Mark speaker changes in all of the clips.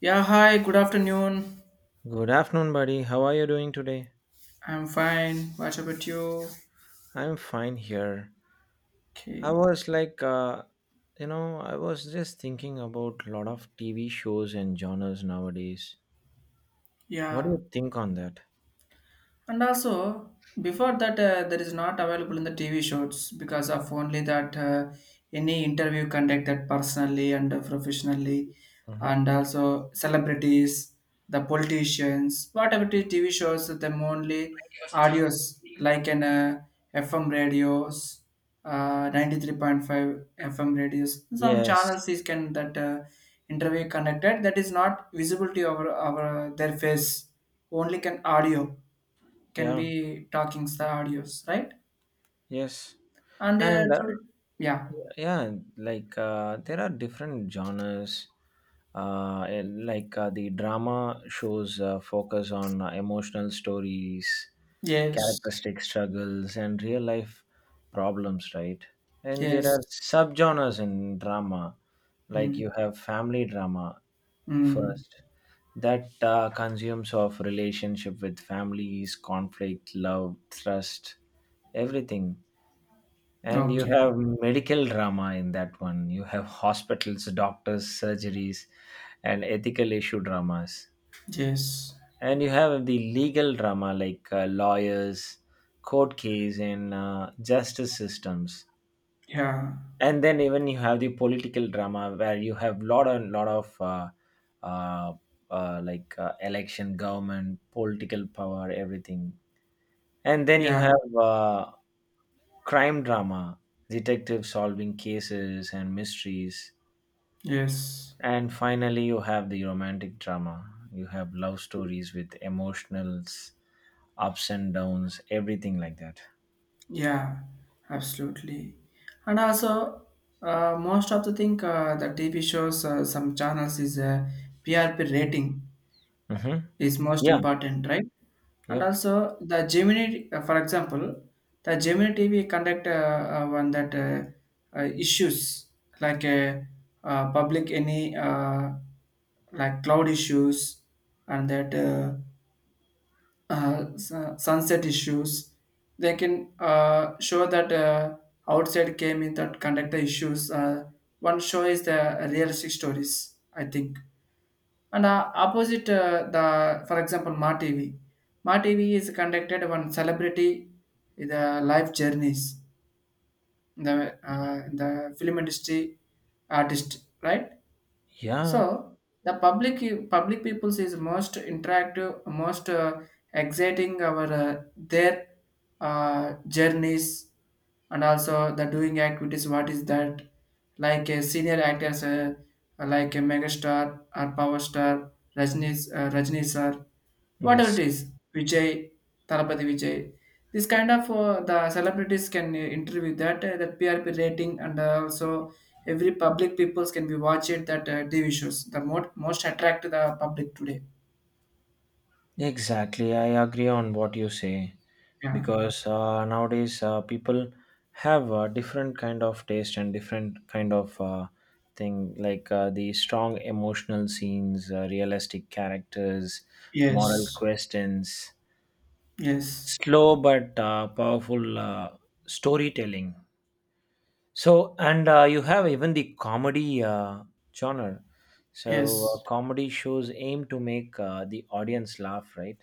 Speaker 1: Yeah, hi, good afternoon.
Speaker 2: Good afternoon, buddy. How are you doing today?
Speaker 1: I'm fine. What about you?
Speaker 2: I'm fine here. I
Speaker 1: Okay.
Speaker 2: was like, you know, I was just thinking about a lot of TV shows and genres nowadays. What do
Speaker 1: Yeah.
Speaker 2: you think on that?
Speaker 1: And also, before that, there is not available in the TV shows because of only that any interview conducted personally and professionally,
Speaker 2: hmm
Speaker 1: and also celebrities, the politicians, whatever the TV shows, them only audios like an FM radios, 93.5 FM radios, some
Speaker 2: Yes.
Speaker 1: channels is can that interview conducted that is not visible to our their face, only can audio can
Speaker 2: Yeah.
Speaker 1: be talking the audios, right?
Speaker 2: Yes.
Speaker 1: And
Speaker 2: And
Speaker 1: today. Yeah.
Speaker 2: yeah like There are different genres, and like the drama shows focus on emotional stories,
Speaker 1: Yes.
Speaker 2: characteristic struggles, and real life problems, right? And there
Speaker 1: Yes.
Speaker 2: are subgenres in drama. Like
Speaker 1: Mm.
Speaker 2: you have family drama
Speaker 1: Mm.
Speaker 2: first, that consumes of relationship with families, conflict, love, trust, everything. And you
Speaker 1: Okay.
Speaker 2: have medical drama. In that one, you have hospitals, doctors, surgeries, and ethical issue dramas.
Speaker 1: Yes.
Speaker 2: And you have the legal drama, like lawyers, court case, and justice systems.
Speaker 1: Yeah.
Speaker 2: And then even you have the political drama where you have lot and lot of uh, election, government, political power, everything. And then you
Speaker 1: Yeah.
Speaker 2: have crime drama, detectives solving cases and mysteries.
Speaker 1: Yes.
Speaker 2: And finally, you have the romantic drama. You have love stories with emotionals, ups and downs, everything like that.
Speaker 1: Yeah, absolutely. And also, most of the thing the TV shows, some channels is a PRP rating
Speaker 2: hmm
Speaker 1: is most
Speaker 2: Yeah,
Speaker 1: important, right? And
Speaker 2: yep,
Speaker 1: also the Gemini, for example, the Gemini TV conduct one that issues like public any like cloud issues and that sunset issues. They can show that outside came in that conduct the issues. One show is the realistic stories, I think. And opposite the, for example, Ma TV. Ma TV is conducted one celebrity, the life journeys, the film industry artist, right?
Speaker 2: yeah,
Speaker 1: So the public peoples is most interactive, most exciting our their journeys, and also the doing activities. What is that? Like a senior actors, like a megastar or power star, Rajni, Rajni sir, whatever it
Speaker 2: yes,
Speaker 1: is, Vijay, Tarapati Vijay, this kind of the celebrities can interview that that PRP rating, and also every public peoples can be watch it that TV shows, the most attract the public today.
Speaker 2: exactly. I agree on what you say,
Speaker 1: Yeah.
Speaker 2: because nowadays people have different kind of taste and different kind of thing, like the strong emotional scenes, realistic characters, moral
Speaker 1: Yes.
Speaker 2: questions,
Speaker 1: Yes.
Speaker 2: slow but powerful storytelling. So and uh, you have even the comedy genre.
Speaker 1: Yes.
Speaker 2: Comedy shows aim to make the audience laugh, right?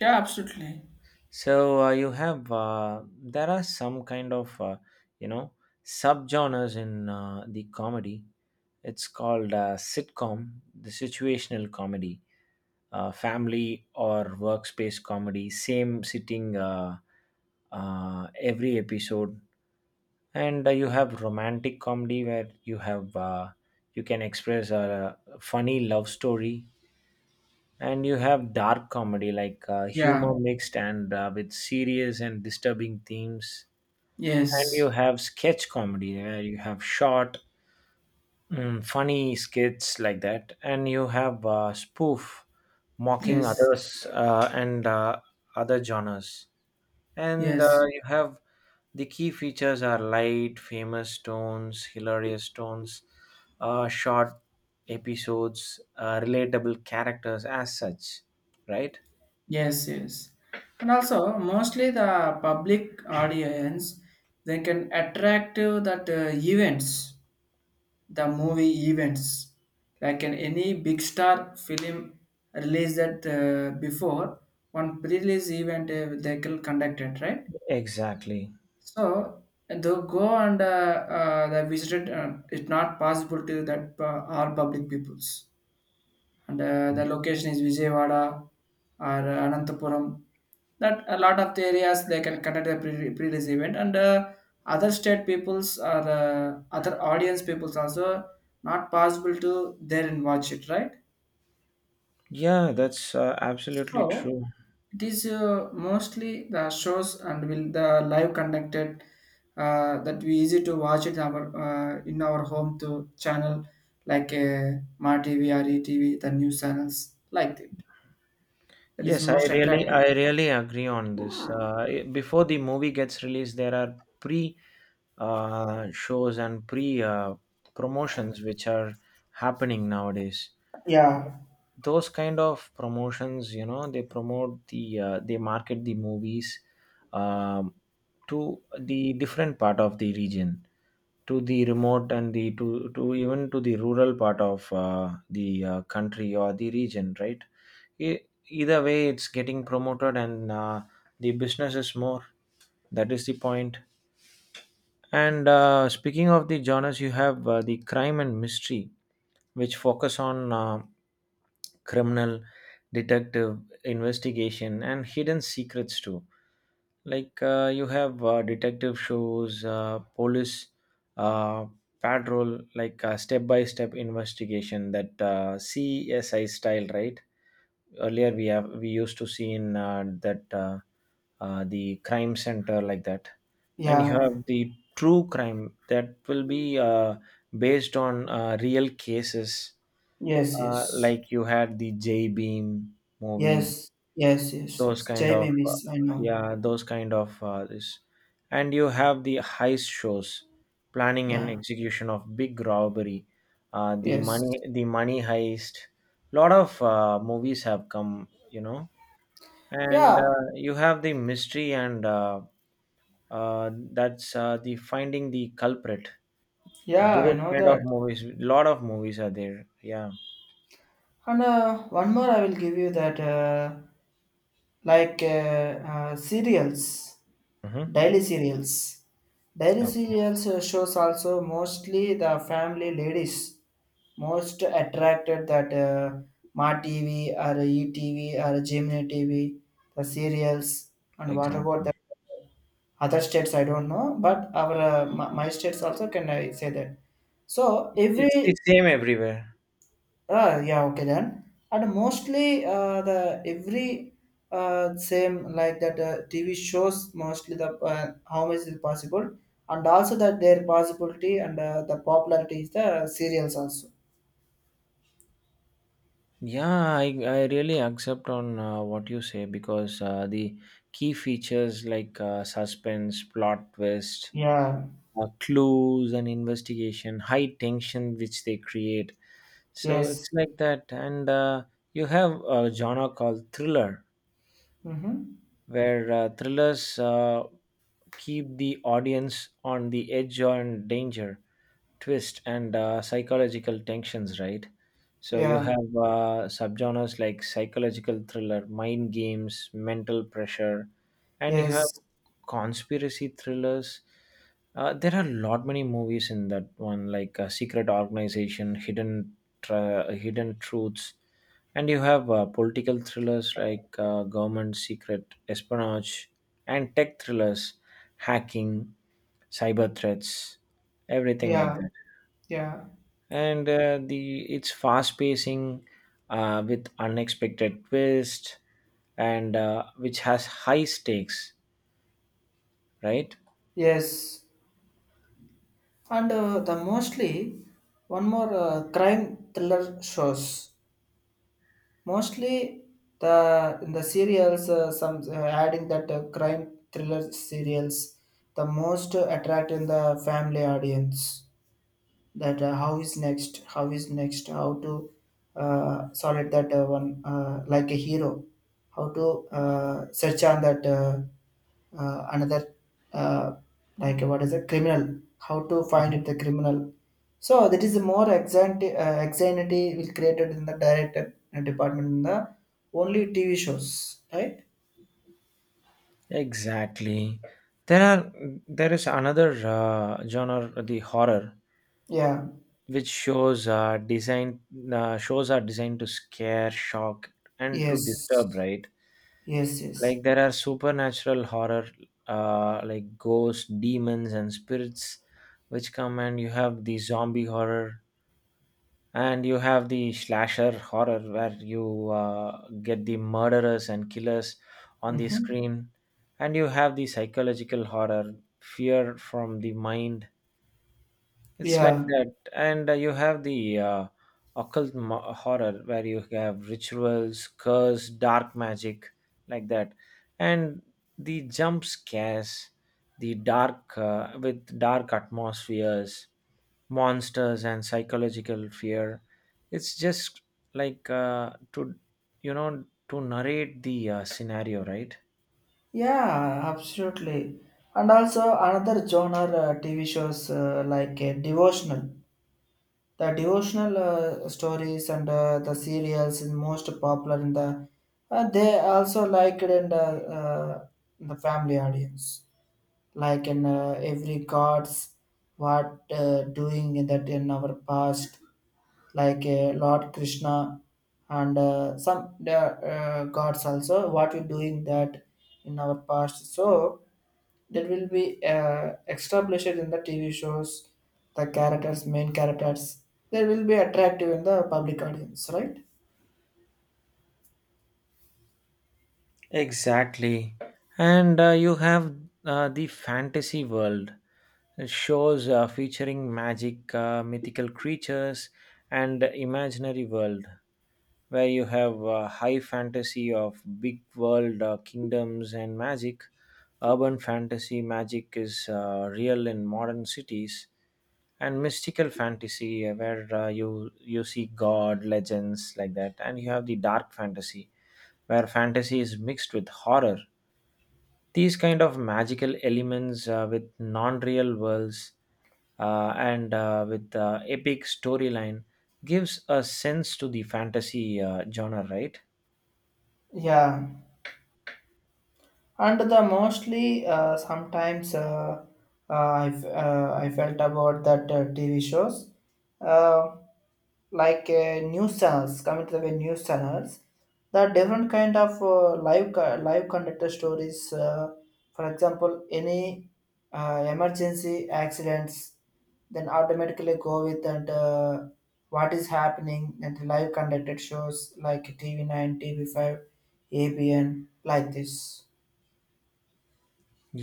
Speaker 1: Yeah, absolutely.
Speaker 2: So you have, there are some kind of, you know subgenres in the comedy. It's called sitcom, the situational comedy, family or workspace comedy, same sitting, every episode. And you have romantic comedy, where you have, you can express a funny love story. And you have dark comedy, like
Speaker 1: Yeah.
Speaker 2: humor mixed and with serious and disturbing themes. And
Speaker 1: Yes.
Speaker 2: you have sketch comedy, where you have short, funny skits like that. And you have spoof, mocking
Speaker 1: Yes.
Speaker 2: others, and other genres. And
Speaker 1: Yes.
Speaker 2: You have the key features are light famous tones, hilarious tones, short episodes, relatable characters as such, right?
Speaker 1: Yes. Yes. And also, mostly the public audience, they can attract to that events, the movie events, like in any big star film released that before one pre-release event, they can conducted, right?
Speaker 2: Exactly.
Speaker 1: So they go and the visited. It's not possible to that our public peoples, and the location is Vijayawada or Anantapuram. That a lot of the areas they can conduct a pre-release event, and other state peoples or other audience peoples also not possible to there and watch it, right?
Speaker 2: Yeah, that's absolutely
Speaker 1: So
Speaker 2: true.
Speaker 1: it is mostly the shows and will the live conducted, that we easy to watch it our in our home to channel like Ma TV or ETV, the news channels like that. That is
Speaker 2: Yes,
Speaker 1: most attracted.
Speaker 2: I really agree on this. Before the movie gets released, there are pre shows and pre promotions which are happening nowadays.
Speaker 1: Yeah,
Speaker 2: Those kind of promotions, you know, they promote the, they market the movies, um, to the different part of the region, to the remote and the to even to the rural part of the country or the region, right? E- Either way, it's getting promoted, and the business is more. That is the point. And speaking of the genres, you have the crime and mystery, which focus on criminal, detective, investigation, and hidden secrets too. Like you have detective shows, police uh, patrol, like step by step investigation, that CSI style, right? Earlier, we used to see in that the crime center, like that. And you have
Speaker 1: yeah,
Speaker 2: the true crime that will be based on real cases.
Speaker 1: yes, yes,
Speaker 2: Like you had the J Beam movie,
Speaker 1: yes, yes, yes,
Speaker 2: those
Speaker 1: yes.
Speaker 2: kind
Speaker 1: Jai
Speaker 2: of
Speaker 1: babies, I know.
Speaker 2: yeah, those kind of this. And you have the heist shows, planning and
Speaker 1: Yeah,
Speaker 2: execution of big robbery,
Speaker 1: yes,
Speaker 2: the money heist. Lot of movies have come, you know. And
Speaker 1: yeah,
Speaker 2: you have the mystery, and that's the finding the culprit.
Speaker 1: yeah, I
Speaker 2: Those
Speaker 1: know
Speaker 2: kind of
Speaker 1: that.
Speaker 2: movies, lot of movies are there, yeah.
Speaker 1: And one more, I will give you that, like cereals.
Speaker 2: hmm
Speaker 1: Daily serials. Daily
Speaker 2: okay.
Speaker 1: serials shows, also mostly the family ladies most attracted that Ma TV or ETV or Gemini TV, the serials. And what about the
Speaker 2: Exactly.
Speaker 1: other states, I don't know, but our my states also can I say that. So
Speaker 2: It's the
Speaker 1: every
Speaker 2: same everywhere.
Speaker 1: yeah, okay then. And mostly the every same like that TV shows, mostly the how much is possible, and also that their possibility, and the popularity is the serials also.
Speaker 2: I really accept on what you say, because the key features, like suspense, plot twist,
Speaker 1: Yeah.
Speaker 2: clues and investigation, high tension, which they create. So it's
Speaker 1: Yes.
Speaker 2: like that. And you have a genre called thriller,
Speaker 1: Mm-hmm.
Speaker 2: where thrillers keep the audience on the edge, on danger, twist, and psychological tensions, right? So you
Speaker 1: Yeah.
Speaker 2: have subgenres like psychological thriller, mind games, mental pressure, and you have
Speaker 1: Yes.
Speaker 2: conspiracy thrillers. There are a lot many movies in that one, like Secret Organization, Hidden, Hidden Truths. And you have political thrillers, like government secret espionage, and tech thrillers, hacking, cyber threats, everything like
Speaker 1: Yeah.
Speaker 2: that.
Speaker 1: Yeah.
Speaker 2: And the, it's fast pacing with unexpected twist, and which has high stakes, right?
Speaker 1: Yes. And the mostly one more crime thriller shows. Mostly the in the serials, some adding that crime thriller serials, the most attract in the family audience, that how is next how to solid that one like a hero, how to search on that another uh, like what is a criminal, how to find
Speaker 2: Mhm.
Speaker 1: it the criminal, so that is more anxiety will created in the director and department in the only TV shows, right?
Speaker 2: Exactly. There are there is another genre, the horror,
Speaker 1: Yeah,
Speaker 2: which shows are designed to scare, shock, and to disturb,
Speaker 1: yes,
Speaker 2: right?
Speaker 1: yes, yes.
Speaker 2: Like there are supernatural horror, like ghosts, demons, and spirits, which come. And you have the zombie horror, and you have the slasher horror, where you get the murderers and killers on the
Speaker 1: Mm-hmm.
Speaker 2: screen. And you have the psychological horror, fear from the mind, it's like
Speaker 1: Yeah.
Speaker 2: that. And you have the occult horror, where you have rituals, curse, dark magic, like that. And the jump scares, the dark, with dark atmospheres, monsters, and psychological fear. It's just like to, you know, to narrate the scenario, right?
Speaker 1: Yeah, absolutely. And also another genre TV shows like devotional. The devotional stories and the serials is most popular in the. They also like it in the family audience, like in every gods what doing in that in our past, like Lord Krishna, and some the gods also what we doing that in our past. So that will be established in the TV shows, the characters, main characters, they will be attractive in the public audience, right?
Speaker 2: Exactly. And you have the fantasy world shows, featuring magic, mythical creatures, and imaginary world, where you have high fantasy of big world, kingdoms and magic. Urban fantasy, magic is real in modern cities, and mystical fantasy, where you see god legends, like that. And you have the dark fantasy, where fantasy is mixed with horror, these kind of magical elements with non-real worlds, and with epic storyline, gives a sense to the fantasy genre, right?
Speaker 1: Yeah. And the mostly sometimes I felt about that TV shows, uh, like news channels coming to the way, news channels the different kind of live conductor stories, for example any emergency accidents, then automatically go with that. What is happening, and the live conducted shows like TV9, TV5, abn, like this.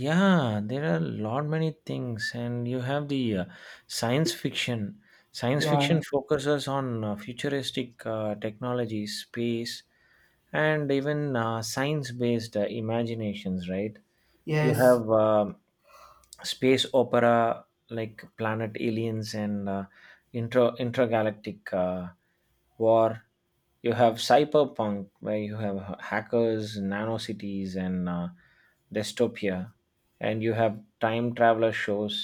Speaker 2: Yeah, there are a lot many things. And you have the science fiction. Science fiction
Speaker 1: Yeah,
Speaker 2: focuses on futuristic technology, space, and even science based imaginations, right? You
Speaker 1: yes,
Speaker 2: have space opera, like Planet Aliens and intra intergalactic war. You have cyberpunk, where you have hackers, nano cities, and dystopia. And you have time traveler shows,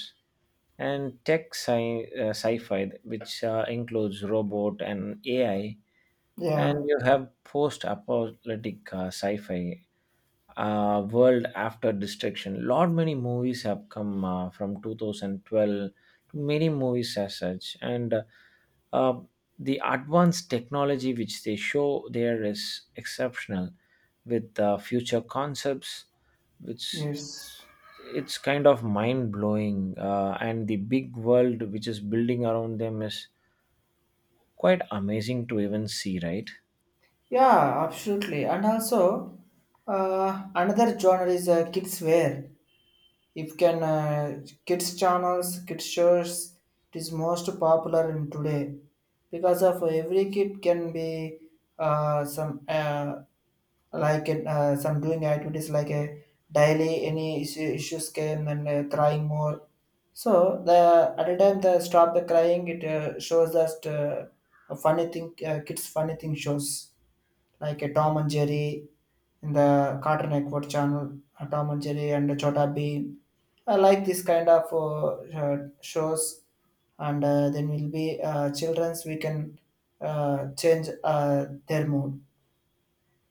Speaker 2: and tech sci-fi, which includes robot and AI. And
Speaker 1: yeah,
Speaker 2: you have post-apocalyptic sci-fi, World After Destruction. Lot many movies have come from 2012 to many movies as such. And uh, the advanced technology which they show there is exceptional, with future concepts, which
Speaker 1: yes.
Speaker 2: it's kind of mind blowing. And the big world which is building around them is quite amazing to even see, right?
Speaker 1: Yeah, absolutely. And also, another genre is kids' wear. If can kids channels, kids shows, it is most popular in today, because of every kid can be some like some doing activities, like a daily any issue, issues came, and crying more. So the at a time the stop the crying, it shows that a funny thing, kids funny thing shows like a Tom and Jerry in the Cartoon Network channel, Tom and Jerry and Chota Bean. I like this kind of shows, and then will be childrens. We can change their mood,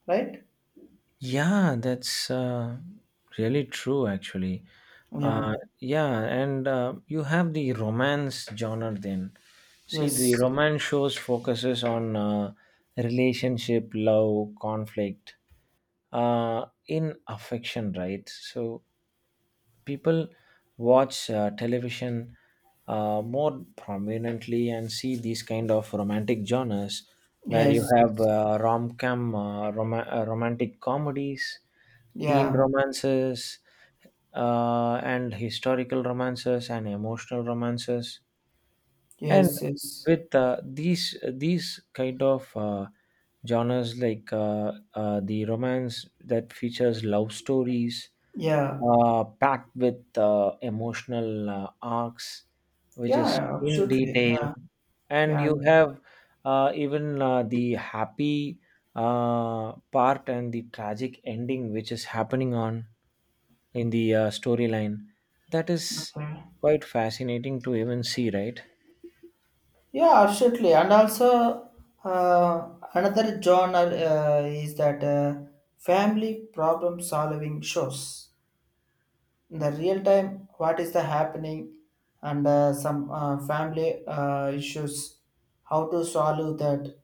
Speaker 1: right?
Speaker 2: Yeah, that's really true actually.
Speaker 1: Yeah.
Speaker 2: Yeah, and you have the romance genre then. See, the
Speaker 1: Yes.
Speaker 2: romance shows focuses on relationship, love, conflict, in affection, right? So people watch television more prominently and see these kind of romantic genres, where you
Speaker 1: Yes.
Speaker 2: have
Speaker 1: Yes.
Speaker 2: romantic comedies, teen
Speaker 1: Yeah.
Speaker 2: romances, and historical romances and emotional romances, and
Speaker 1: Yes. Yes.
Speaker 2: with uh, these these kind of genres, like the romance that features love stories
Speaker 1: Yeah.
Speaker 2: packed with emotional arcs, which is
Speaker 1: Yeah,
Speaker 2: in
Speaker 1: absolutely.
Speaker 2: detail.
Speaker 1: Yeah.
Speaker 2: And
Speaker 1: Yeah.
Speaker 2: you have even the happy part and the tragic ending, which is happening on in the storyline. That is
Speaker 1: Okay.
Speaker 2: quite fascinating to even see, right?
Speaker 1: Yeah, absolutely. And also, uh, another genre is that family problem solving shows. In the real time, what is the happening, and some family issues, how to solve that,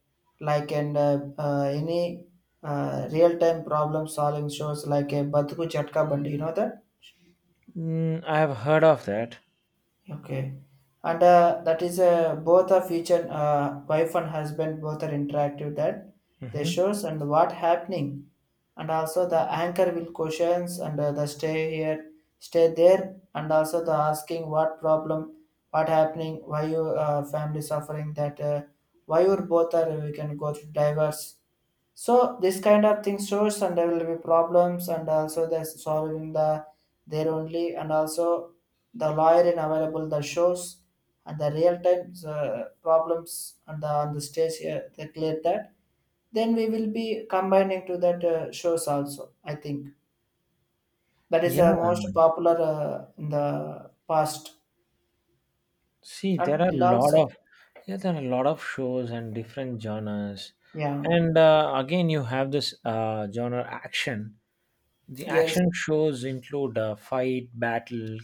Speaker 1: like and any real time problem solving shows like a Batuku Chatka Bandi, you know that?
Speaker 2: Mm, I have heard of that.
Speaker 1: Okay. And that is both a feature, wife and husband both are interactive, that they
Speaker 2: hmm
Speaker 1: shows and what happening. And also the anchor will questions, and the stay here, stay there. And also the asking what problem, what happening, why your family suffering that, why you both are, we can go to divorce. So this kind of thing shows, and there will be problems, and also they're solving the their only, and also the lawyer in available the shows, and the real time problems, and the, on the stage here they clear that. Then we will be combining to that shows also. I think that is
Speaker 2: Yeah,
Speaker 1: the most popular in the past
Speaker 2: see, there are
Speaker 1: until
Speaker 2: a lot
Speaker 1: also.
Speaker 2: of, yeah, there are a lot of shows and different genres.
Speaker 1: Yeah.
Speaker 2: And again, you have this genre action. The
Speaker 1: Yes.
Speaker 2: action shows include fight, battle,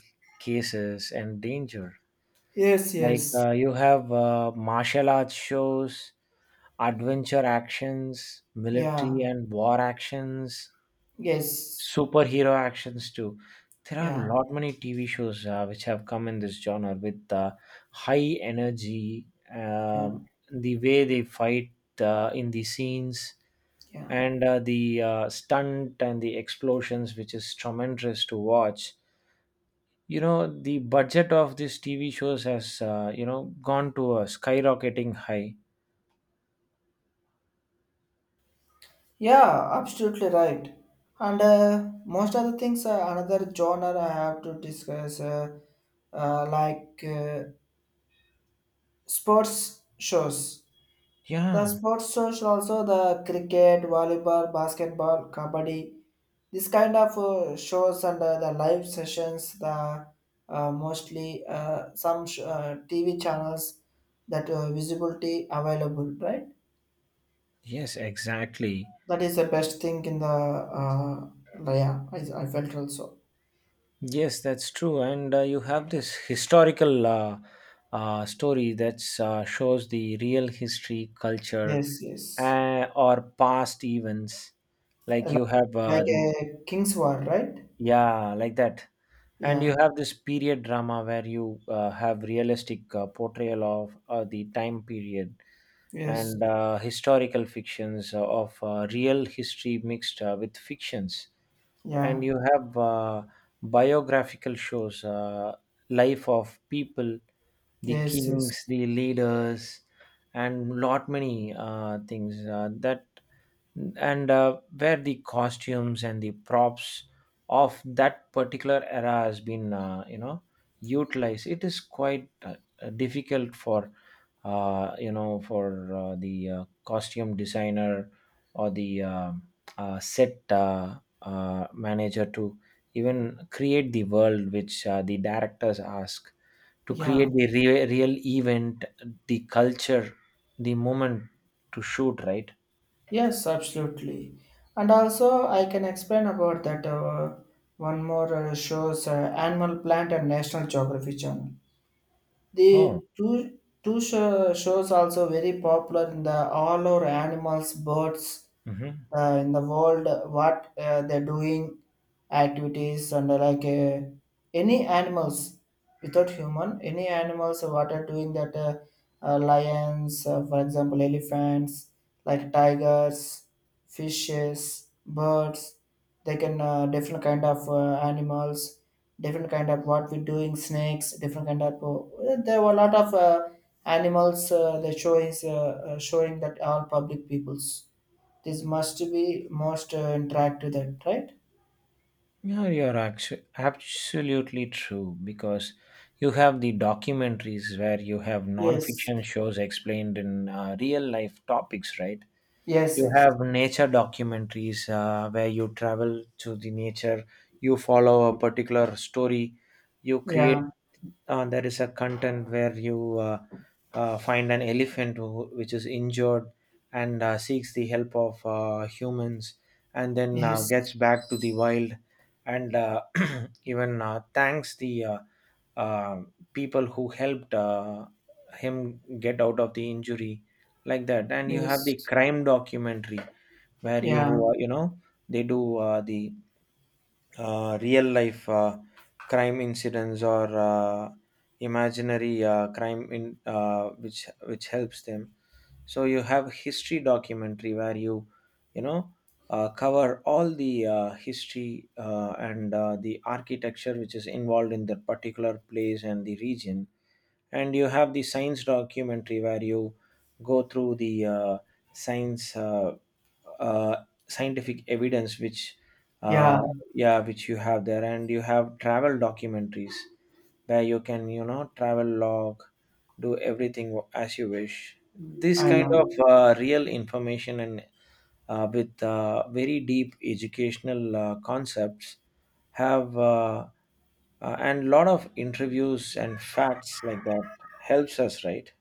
Speaker 2: cases, and danger.
Speaker 1: Yes.
Speaker 2: Like
Speaker 1: Yes.
Speaker 2: you have martial arts shows, adventure actions,
Speaker 1: Yeah.
Speaker 2: military and war actions,
Speaker 1: Yes.
Speaker 2: superhero actions too. There are a
Speaker 1: Yeah.
Speaker 2: lot many TV shows which have come in this genre with high energy,
Speaker 1: Yeah.
Speaker 2: um, the way they fight in the scenes.
Speaker 1: Yeah.
Speaker 2: And the stunt and the explosions, which is tremendous to watch. You know, the budget of these TV shows has, you know, gone to a skyrocketing high.
Speaker 1: Yeah, absolutely right. And most of the things, another genre I have to discuss, like sports shows. The
Speaker 2: Yeah,
Speaker 1: sports shows also the cricket, volleyball, basketball, kabaddi. This kind of shows, and the live sessions, the mostly TV channels that visibility available, right?
Speaker 2: yes, exactly.
Speaker 1: That is the best thing in the yeah. I felt also.
Speaker 2: Yes, that's true. And you have this historical story that shows the real history, culture,
Speaker 1: Yes, yes.
Speaker 2: or past events. Like
Speaker 1: Like,
Speaker 2: you have
Speaker 1: like a king's war, right?
Speaker 2: yeah, like that. And
Speaker 1: Yeah.
Speaker 2: you have this period drama, where you have realistic portrayal of the time period,
Speaker 1: Yes.
Speaker 2: and historical fictions of real history mixed with fictions. And
Speaker 1: Yeah.
Speaker 2: you have biographical shows, life of people, the
Speaker 1: Yes,
Speaker 2: kings,
Speaker 1: yes.
Speaker 2: the leaders, and lot many things that and where the costumes and the props of that particular era has been, you know, utilized. It is quite difficult for the costume designer or the set manager to even create the world which the directors ask to
Speaker 1: Yeah.
Speaker 2: create the real event, the culture, the moment, to shoot, right?
Speaker 1: Yes, absolutely. And also, I can explain about that one more shows, Animal Planet and National Geography Channel.
Speaker 2: Oh.
Speaker 1: The two shows also very popular in the all over animals, birds,
Speaker 2: Mhm.
Speaker 1: in the world, what they're doing activities, and like any animals, without human any animals what are doing that, lions, for example elephants, like tigers, fishes, birds, they can different kind of animals, different kind of what we doing, snakes, different kind of there were a lot of animals, they show is showing that all public peoples, this must be most interactive that, right?
Speaker 2: Absolutely true, because you have the documentaries where you have
Speaker 1: Yes.
Speaker 2: non-fiction shows explained in real life topics, right?
Speaker 1: Yes,
Speaker 2: You
Speaker 1: yes.
Speaker 2: have nature documentaries where you travel to the nature, you follow a particular story, you create
Speaker 1: Yeah.
Speaker 2: there is a content where you find an elephant which is injured and seeks the help of humans, and then gets
Speaker 1: Yes.
Speaker 2: back to the wild, and even thanks the uh, people who helped him get out of the injury like that. And you have the
Speaker 1: Yes.
Speaker 2: crime documentary where you
Speaker 1: Yeah.
Speaker 2: you know they do the real life crime incidents or imaginary crime in which helps them. So you have history documentary where you know cover all the history and the architecture which is involved in that particular place and the region. And you have the science documentary where you go through the science uh, scientific evidence which uh,
Speaker 1: Yeah.
Speaker 2: yeah which you have there. And you have travel documentaries where you can travel log, do everything as you wish, this
Speaker 1: I
Speaker 2: kind
Speaker 1: know.
Speaker 2: of real information, and with very deep educational concepts have and lot of interviews and facts like that helps us, right?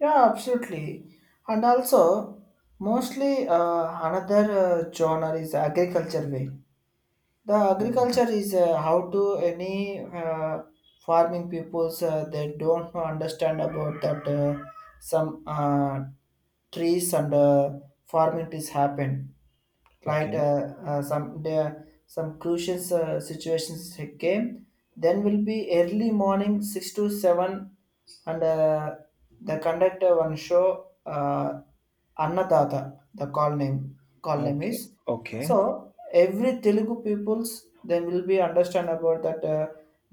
Speaker 1: Yeah, absolutely. And also, mostly another genre is agriculture way. The
Speaker 2: Hmm.
Speaker 1: agriculture is how to any farming peoples they don't understand about that some trees, and farming trees happen, like
Speaker 2: Okay.
Speaker 1: some the, some crucial situations came, then will be early morning 6 to 7, and the conductor one show, annadata, the call name is.
Speaker 2: Okay. Okay.
Speaker 1: So every Telugu peoples then will be understand about that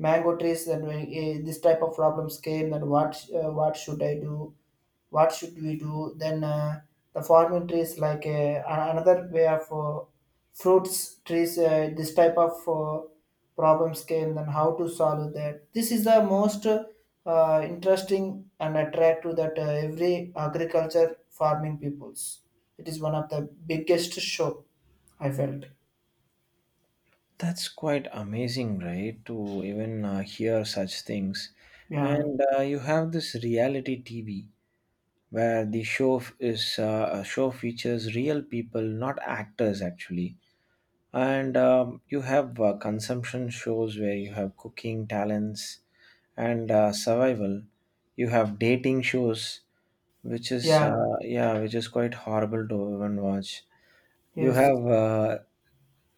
Speaker 1: mango trees, and when, this type of problems came, and what should I do, what should we do? Then the farming trees like another way of fruits trees, this type of problems came, then how to solve that. This is the most interesting and attractive, that every agriculture farming peoples, it is one of the biggest show I felt.
Speaker 2: That's quite amazing, right? To even hear such things.
Speaker 1: Yeah.
Speaker 2: And you have this reality TV where the show f- is a show features real people, not actors actually. And you have consumption shows where you have cooking talents and survival. You have dating shows, which is
Speaker 1: Yeah.
Speaker 2: which is quite horrible to even watch. You
Speaker 1: Yes.
Speaker 2: have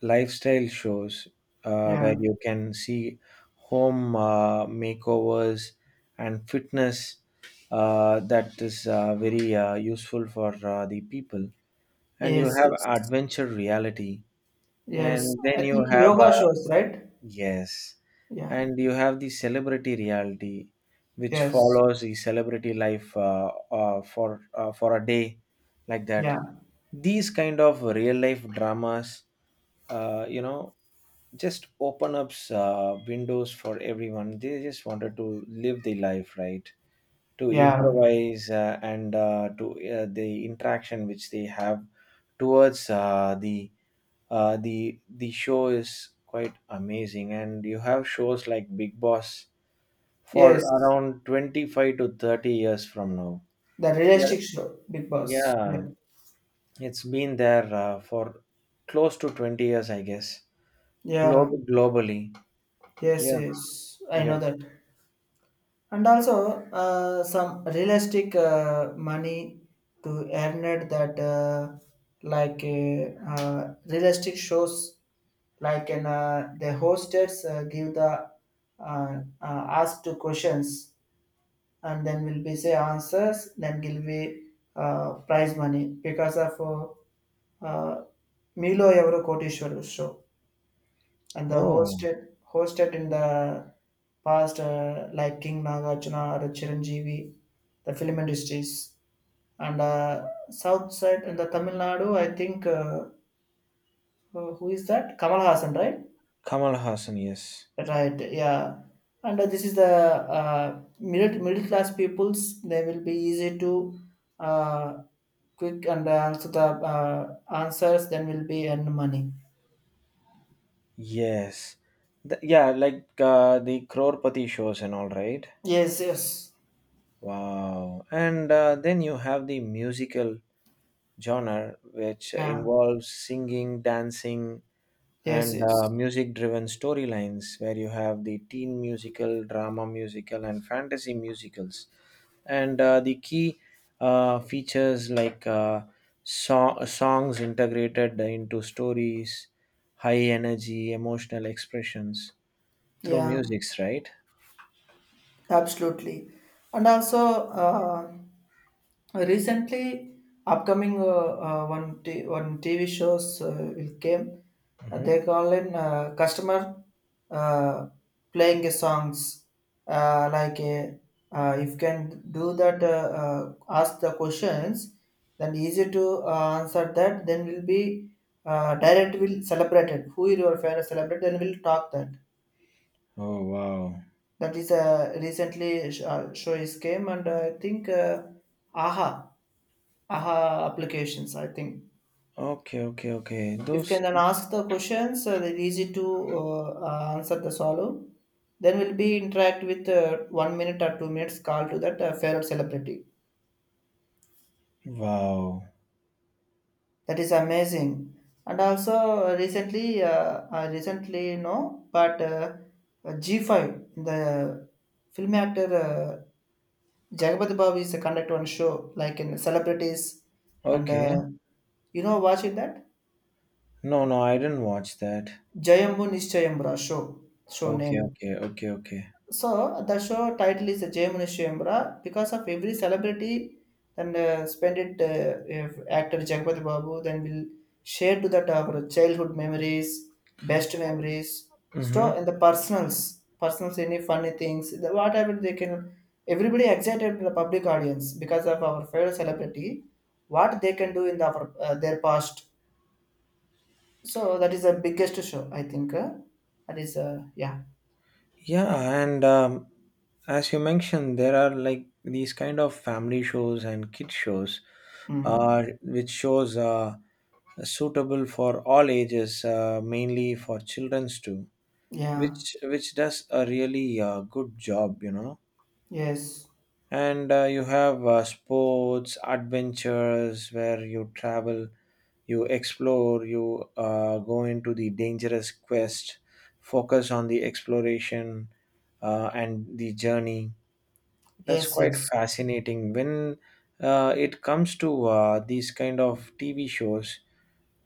Speaker 2: lifestyle shows
Speaker 1: Yeah.
Speaker 2: where you can see home makeovers and fitness, that is very useful for the people. And you
Speaker 1: Yes.
Speaker 2: have
Speaker 1: Yes.
Speaker 2: adventure reality,
Speaker 1: Yes.
Speaker 2: and
Speaker 1: I
Speaker 2: then you
Speaker 1: think
Speaker 2: have
Speaker 1: yoga shows, right?
Speaker 2: yes,
Speaker 1: Yeah.
Speaker 2: and you have the celebrity reality, which
Speaker 1: Yes.
Speaker 2: follows the celebrity life for a day, like that.
Speaker 1: Yeah.
Speaker 2: These kind of real life dramas uh, you know just open up windows for everyone. They just wanted to live the life, right? To
Speaker 1: Yeah.
Speaker 2: improvise, and to the interaction which they have towards the the show is quite amazing. And you have shows like Big Boss for
Speaker 1: Yes.
Speaker 2: around 25 to 30 years from now.
Speaker 1: The
Speaker 2: Yeah,
Speaker 1: realistic show. Big Boss.
Speaker 2: yeah,
Speaker 1: Yeah.
Speaker 2: it's been there for close to 20 years, I guess.
Speaker 1: Yeah.
Speaker 2: Globally.
Speaker 1: Yes,
Speaker 2: Yeah.
Speaker 1: yes, I
Speaker 2: Yeah.
Speaker 1: know that. And also, some realistic money to earn it that, like realistic shows, like in the hostess give the ask two questions, and then will be say answers, then will be prize money, because of Milo Evro Kotishwaru show. And the
Speaker 2: Oh,
Speaker 1: hosted in the past, like King Nagarjuna or Chiranjeevi, the film industries, and South side in the Tamil Nadu, I think who is that? Kamal Hassan, right?
Speaker 2: Kamal Hassan, yes.
Speaker 1: Right, yeah. And this is the middle class peoples. They will be easy to uh, quick, and also the answers. Then will be earn money.
Speaker 2: Yes. Yeah, like the Crorepati shows and all, right?
Speaker 1: Yes, yes,
Speaker 2: Wow. And then you have the musical genre, which
Speaker 1: yeah,
Speaker 2: involves singing, dancing,
Speaker 1: yes,
Speaker 2: and
Speaker 1: yes,
Speaker 2: music driven storylines, where you have the teen musical, drama musical, and fantasy musicals. And the key features like songs integrated into stories, high energy, emotional expressions through
Speaker 1: yeah,
Speaker 2: musics, right?
Speaker 1: absolutely. And also, recently, upcoming one TV shows will came.
Speaker 2: Hmm.
Speaker 1: They call in customer uh, playing a songs, like a, if can do that, ask the questions, then easy to answer that. Then will be direct will celebrated. Who is your favorite celebrate? Then will talk that.
Speaker 2: Oh, wow.
Speaker 1: That is a recently show is came, and I think aha aha applications, I think,
Speaker 2: Okay, okay, okay.
Speaker 1: if
Speaker 2: Those.
Speaker 1: can then ask the questions, they're easy to answer the solve, then we'll be interact with one minute or two minutes call to that favorite celebrity.
Speaker 2: Wow.
Speaker 1: That is amazing. And also, recently, I recently know, but G5, the film actor Jagapati Babu is the conduct one show, like in celebrities, and
Speaker 2: Okay.
Speaker 1: you know watching that
Speaker 2: No, no, I didn't watch that.
Speaker 1: Jayambu Nishchayambra show, show
Speaker 2: Okay,
Speaker 1: name.
Speaker 2: okay, okay, okay.
Speaker 1: So the show title is Jemini Shembra, because of every celebrity then spend it, if actor Jagpati Babu, then will share to that our childhood memories, best memories,
Speaker 2: Mm-hmm.
Speaker 1: so and the personals any funny things, the, whatever they can. Everybody excited to the public audience, because of our favorite celebrity, what they can do in the, our, their past. So that is the biggest show, I think. That is yeah.
Speaker 2: Yeah, and as you mentioned, there are like these kind of family shows and kid shows,
Speaker 1: Hmm.
Speaker 2: which shows suitable for all ages, mainly for childrens too,
Speaker 1: Yeah.
Speaker 2: which does a really good job, you know.
Speaker 1: Yes.
Speaker 2: And you have sports, adventures where you travel, you explore, you go into the dangerous quest, focus on the exploration and the journey. That's
Speaker 1: Yes,
Speaker 2: quite
Speaker 1: yes.
Speaker 2: fascinating. When it comes to these kind of TV shows,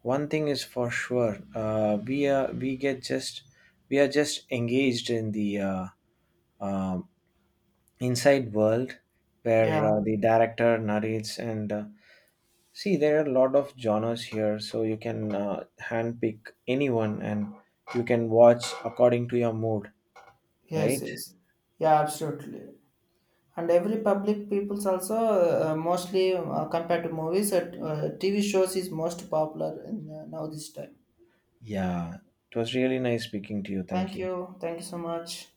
Speaker 2: one thing is for sure: we get just, we are just engaged in the um inside world where
Speaker 1: Yeah,
Speaker 2: the director narrates, and see there are a lot of genres here, so you can handpick anyone, and you can watch according to your mood,
Speaker 1: yes,
Speaker 2: right?
Speaker 1: yes. Yeah, absolutely. And every public people's also mostly compared to movies, TV shows is most popular in, now this time.
Speaker 2: Yeah, it was really nice speaking to you. Thank
Speaker 1: Thank
Speaker 2: you.
Speaker 1: you. Thank you so much.